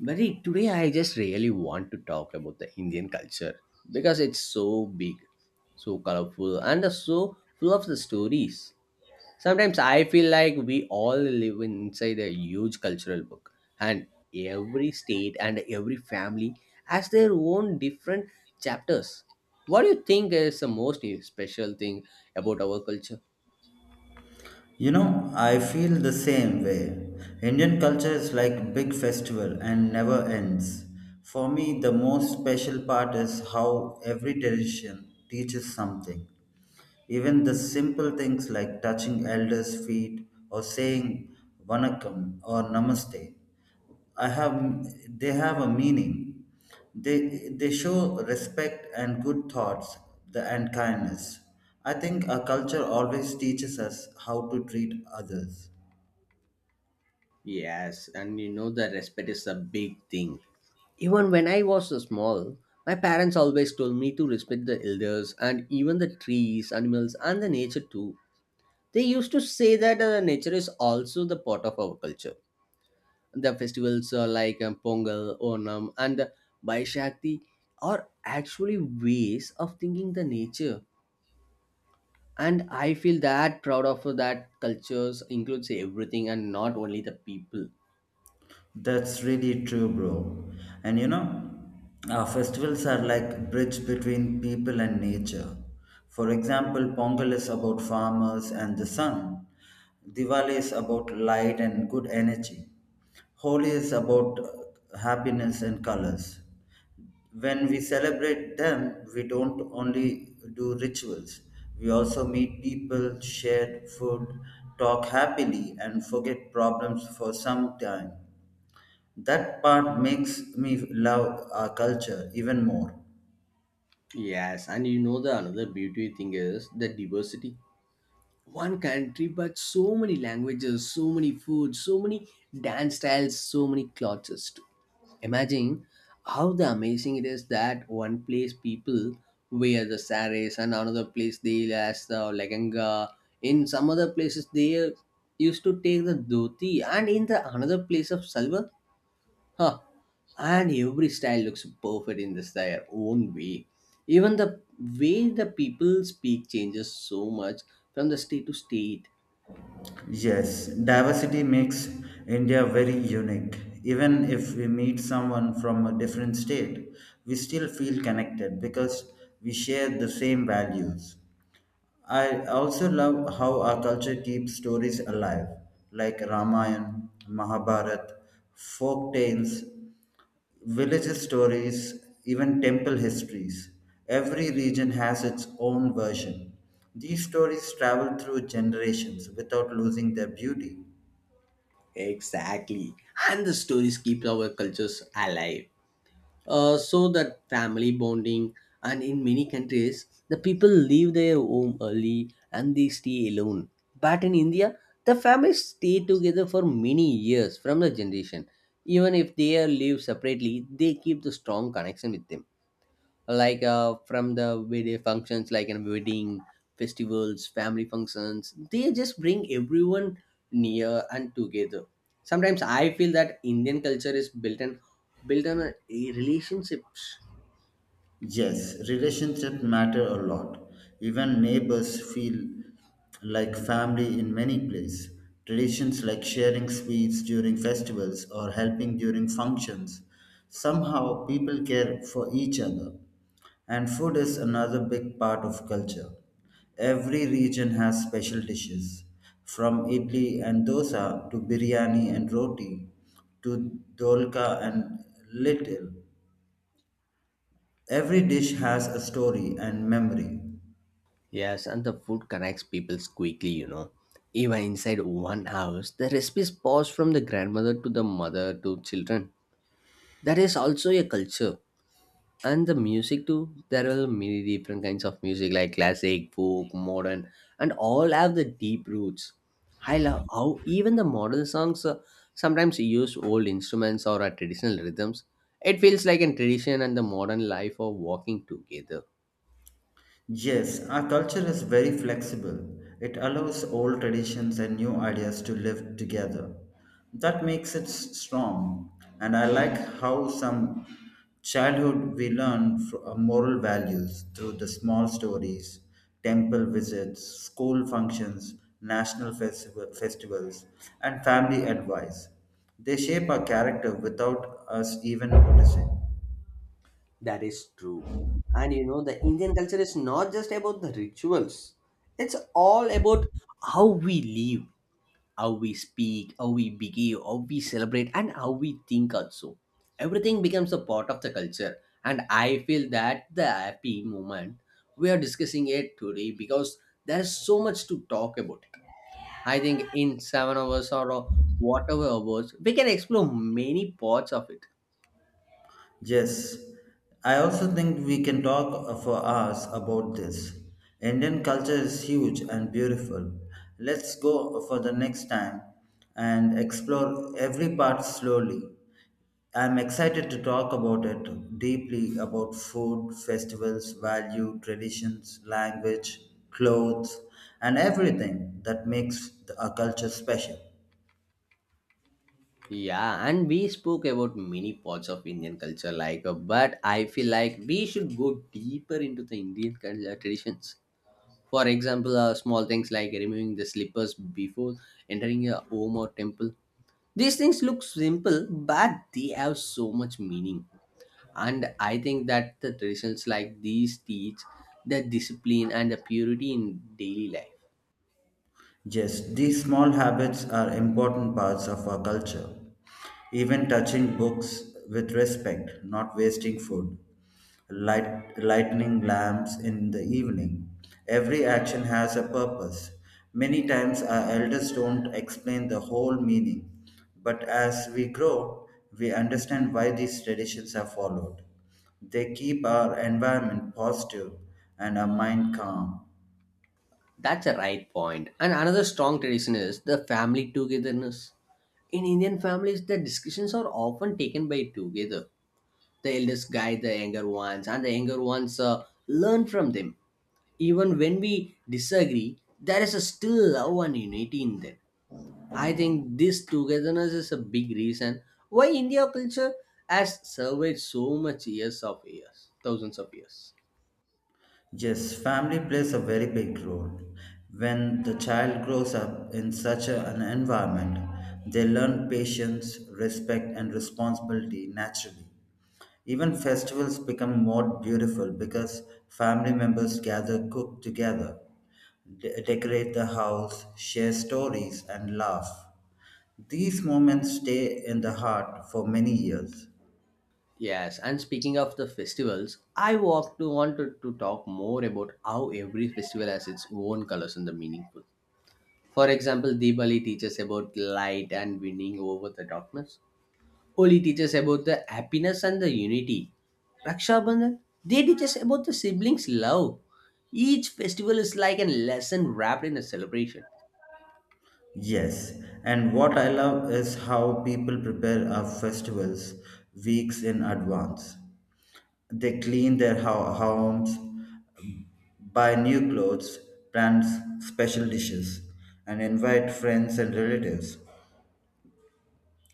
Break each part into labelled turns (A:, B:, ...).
A: But hey, today I just really want to talk about the Indian culture because it's so big, so colorful, and so full of the stories. Sometimes I feel like we all live inside a huge cultural book, and every state and every family has their own different chapters. What do you think is the most special thing about our culture?
B: You know, I feel the same way. Indian culture is like big festival and never ends. For me, the most special part is how every tradition teaches something. Even the simple things like touching elders' feet or saying vanakkam or namaste, I have they have a meaning. They they show respect and good thoughts and kindness. I think our culture always teaches us how to treat others.
A: Yes, and you know the respect is a big thing. Even when I was small, my parents always told me to respect the elders and even the trees, animals, and the nature too. They used to say that nature is also the part of our culture. The festivals like Pongal, Onam, and Baishakti are actually ways of thinking the nature. And I feel that proud of that cultures includes everything and not only the people.
B: That's really true, bro. And you know, festivals are like bridge between people and nature. For example, Pongal is about farmers and the sun. Diwali is about light and good energy. Holi is about happiness and colors. When we celebrate them, we don't only do rituals. We also meet people, share food, talk happily, and forget problems for some time. That part makes me love our culture even more.
A: Yes, and you know the another beauty thing is the diversity. One country, but so many languages, so many foods, so many dance styles, so many cultures too. Imagine how the amazing it is that one place people wear the saris and another place they wear the leganga. In some other places they used to take the dhoti and in the another place of salwar. Huh. And every style looks perfect in this their own way. Even the way the people speak changes so much from the state to state.
B: Yes, diversity makes India very unique. Even if we meet someone from a different state, we still feel connected because we share the same values. I also love how our culture keeps stories alive, like Ramayana, Mahabharata, folk tales, village stories, even temple histories. Every region has its own version. These stories travel through generations without losing their beauty.
A: Exactly. And the stories keep our cultures alive. So that family bonding and in many countries the people leave their home early and they stay alone. But in India, the families stay together for many years from the generation. Even if they are live separately, they keep the strong connection with them. Like from the video functions like in wedding festivals, family functions, they just bring everyone near and together. Sometimes I feel that Indian culture is built on relationships.
B: Yes, relationships matter a lot. Even neighbors feel like family in many places. Traditions like sharing sweets during festivals or helping during functions. Somehow people care for each other. And food is another big part of culture. Every region has special dishes, from idli and dosa to biryani and roti to dolka and little. Every dish has a story and memory.
A: Yes, and the food connects people quickly. Even inside one house the recipes pass from the grandmother to the mother to children. That is also a culture. And the music too, there are many different kinds of music like classic, folk, modern, and all have the deep roots. I love how even the modern songs sometimes use old instruments or traditional rhythms. It feels like a tradition and the modern life are walking together.
B: Yes, our culture is very flexible. It allows old traditions and new ideas to live together. That makes it strong. And I like how some childhood we learn moral values through the small stories, temple visits, school functions, festivals, and family advice. They shape our character without us even noticing.
A: That is true. And you know the Indian culture is not just about the rituals. It's all about how we live, how we speak, how we behave, how we celebrate, and how we think also. Everything becomes a part of the culture. And I feel that the happy moment we are discussing it today because there is so much to talk about. I think in 7 hours or whatever hours, we can explore many parts of it.
B: Yes, I also think we can talk for hours about this. Indian culture is huge and beautiful. Let's go for the next time and explore every part slowly. I'm excited to talk about it deeply about food, festivals, value, traditions, language, clothes, and everything that makes a culture special.
A: Yeah, and we spoke about many parts of Indian culture, like, but I feel like we should go deeper into the Indian culture traditions. For example, small things like removing the slippers before entering a home or temple. These things look simple, but they have so much meaning. And I think that the traditions like these teach the discipline and the purity in daily life.
B: Yes, these small habits are important parts of our culture. Even touching books with respect, not wasting food, lightening lamps in the evening. Every action has a purpose. Many times our elders don't explain the whole meaning, but as we grow, we understand why these traditions are followed. They keep our environment positive and our mind calm.
A: That's a right point. And another strong tradition is the family togetherness. In Indian families, the discussions are often taken by together. The eldest guide the younger ones, and the younger ones learn from them even when we disagree, there is a still love and unity in them. I think this togetherness is a big reason why India culture has survived so much years of years, thousands of years.
B: Yes, family plays a very big role. When the child grows up in such an environment, they learn patience, respect, and responsibility naturally. Even festivals become more beautiful because family members gather, cook together, decorate the house, share stories, and laugh. These moments stay in the heart for many years.
A: Yes, and speaking of the festivals, I walk to wanted to talk more about how every festival has its own colors and the meaningful. For example, Diwali teaches about light and winning over the darkness. Holi teaches about the happiness and the unity. Raksha Bandhan, they teach us about the siblings' love. Each festival is like a lesson wrapped in a celebration.
B: Yes, and what I love is how people prepare our festivals weeks in advance. They clean their homes, buy new clothes, plans special dishes, and invite friends and relatives.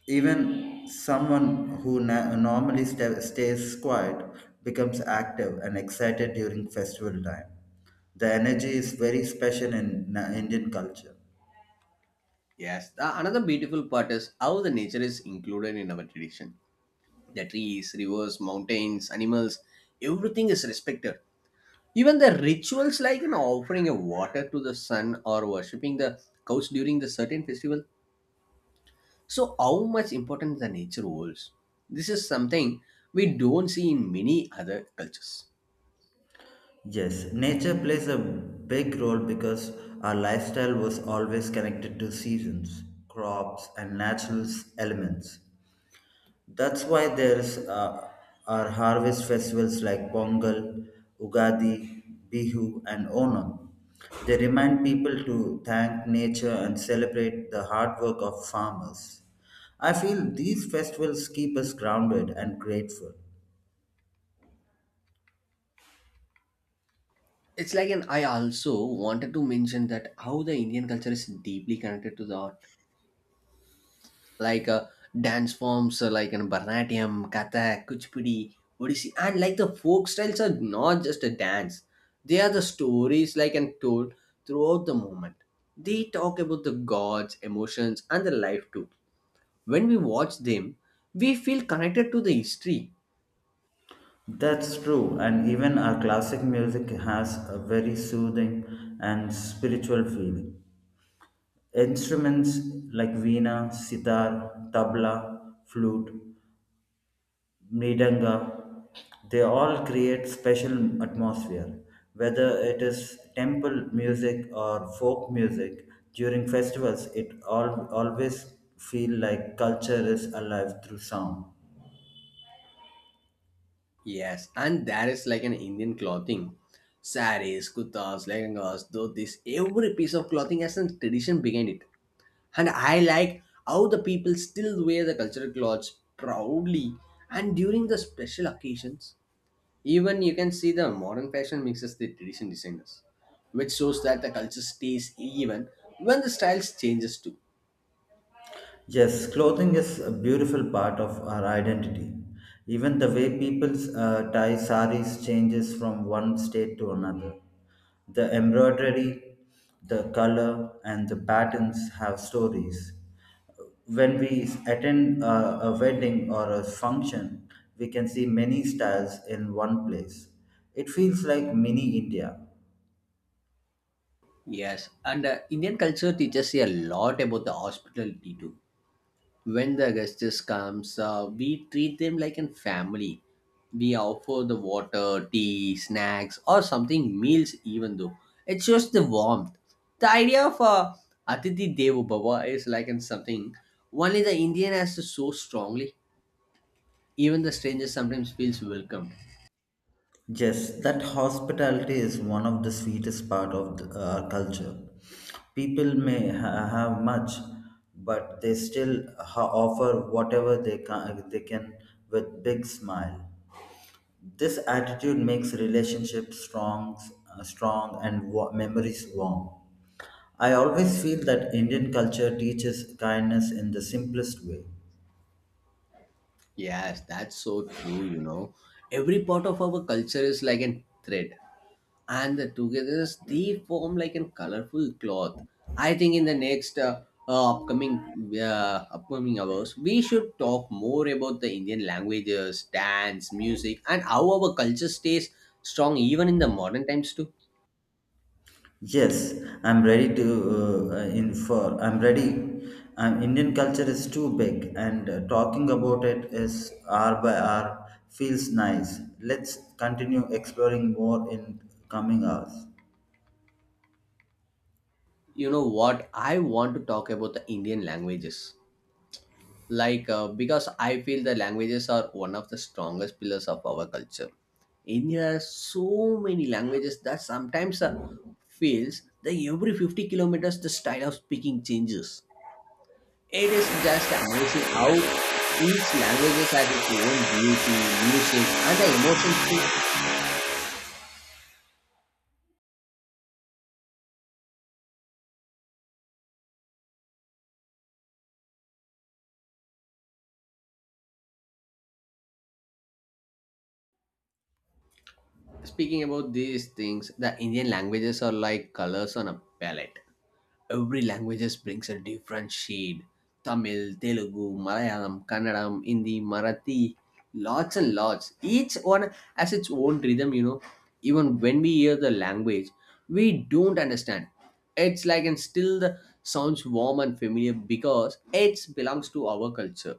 B: Even someone who normally stays quiet becomes active and excited during festival time. The energy is very special in Indian culture.
A: Yes, another beautiful part is how the nature is included in our tradition. The trees, rivers, mountains, animals, everything is respected. Even the rituals like offering a water to the sun or worshipping the cows during the certain festival. So, how much importance the nature holds? This is something we don't see in many other cultures.
B: Yes, nature plays a big role because our lifestyle was always connected to seasons, crops, and natural elements. That's why there's our harvest festivals like Pongal, Ugadi, Bihu, and Onam. They remind people to thank nature and celebrate the hard work of farmers. I feel these festivals keep us grounded and grateful.
A: It's like, and I also wanted to mention that how the Indian culture is deeply connected to the art, like dance forms like in Bharatanatyam, Kathak, Kuchipudi, Odissi, and like the folk styles are not just a dance; they are the stories like and told throughout the moment. They talk about the gods, emotions, and the life too. When we watch them, we feel connected to the history.
B: That's true, and even our classic music has a very soothing and spiritual feeling. Instruments like veena, sitar, tabla, flute, mridanga, they all create special atmosphere. Whether it is temple music or folk music, during festivals, always feel like culture is alive through sound.
A: Yes, and there is like an Indian clothing. Saris, kutas, lehengas, dhotis, every piece of clothing has a tradition behind it. And I like how the people still wear the cultural clothes proudly and during the special occasions. Even you can see the modern fashion mixes the tradition designers, which shows that the culture stays even when the styles changes too.
B: Yes, clothing is a beautiful part of our identity. Even the way people tie saris changes from one state to another. The embroidery, the color, and the patterns have stories. When we attend a wedding or a function, we can see many styles in one place. It feels like mini India.
A: Yes, and Indian culture teaches a lot about the hospitality too. When the guests comes, we treat them like a family. We offer the water, tea, snacks, or something meals. Even though it shows the warmth, the idea of Atithi Devo Bhava is like in something only the Indian has so strongly. Even the stranger sometimes feels welcomed.
B: Yes, that hospitality is one of the sweetest part of our culture. People may have much, but they still offer whatever they can with big smile. This attitude makes relationships strong, memories warm. I always feel that Indian culture teaches kindness in the simplest way.
A: Yes, that's so true. You know, every part of our culture is like a thread. And the togetherness they form like a colorful cloth. I think in the next uh, upcoming upcoming hours, we should talk more about the Indian languages, dance, music, and how our culture stays strong even in the modern times too.
B: Yes, I'm ready to infer. I'm ready. Indian culture is too big, and talking about it is hour by hour feels nice. Let's continue exploring more in coming hours.
A: You know what? I want to talk about the Indian languages. Like because I feel the languages are one of the strongest pillars of our culture. India has so many languages that sometimes feels that every 50 kilometers the style of speaking changes. It is just amazing how each language has its own beauty, music, and the emotions too. Speaking about these things, the Indian languages are like colors on a palette. Every languages brings a different shade. Tamil, Telugu, Malayalam, Kannadam, Hindi, Marathi, lots and lots. Each one has its own rhythm. Even when we hear the language we don't understand, it's like, and still the sounds warm and familiar because it belongs to our culture.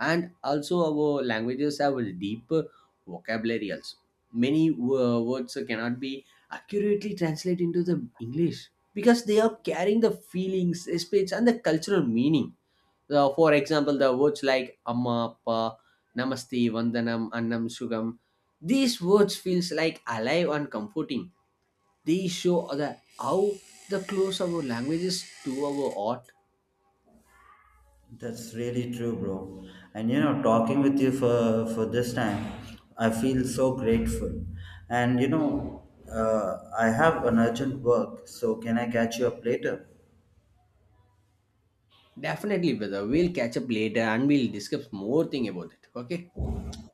A: And also our languages have a deeper vocabulary. Also, many words cannot be accurately translated into the English because they are carrying the feelings, speech, and the cultural meaning. For example, the words like amma, appa, namaste, vandanam, annam, sugam. These words feels like alive and comforting. They show how the close our languages to our art.
B: That's really true, bro. And you know, talking with you for this time, I feel so grateful. And you know, I have an urgent work, so can I catch you up later?
A: Definitely, brother. We'll catch up later and we'll discuss more thing about it. Okay.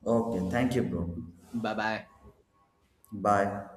B: Okay, thank you, bro.
A: Bye bye.
B: Bye.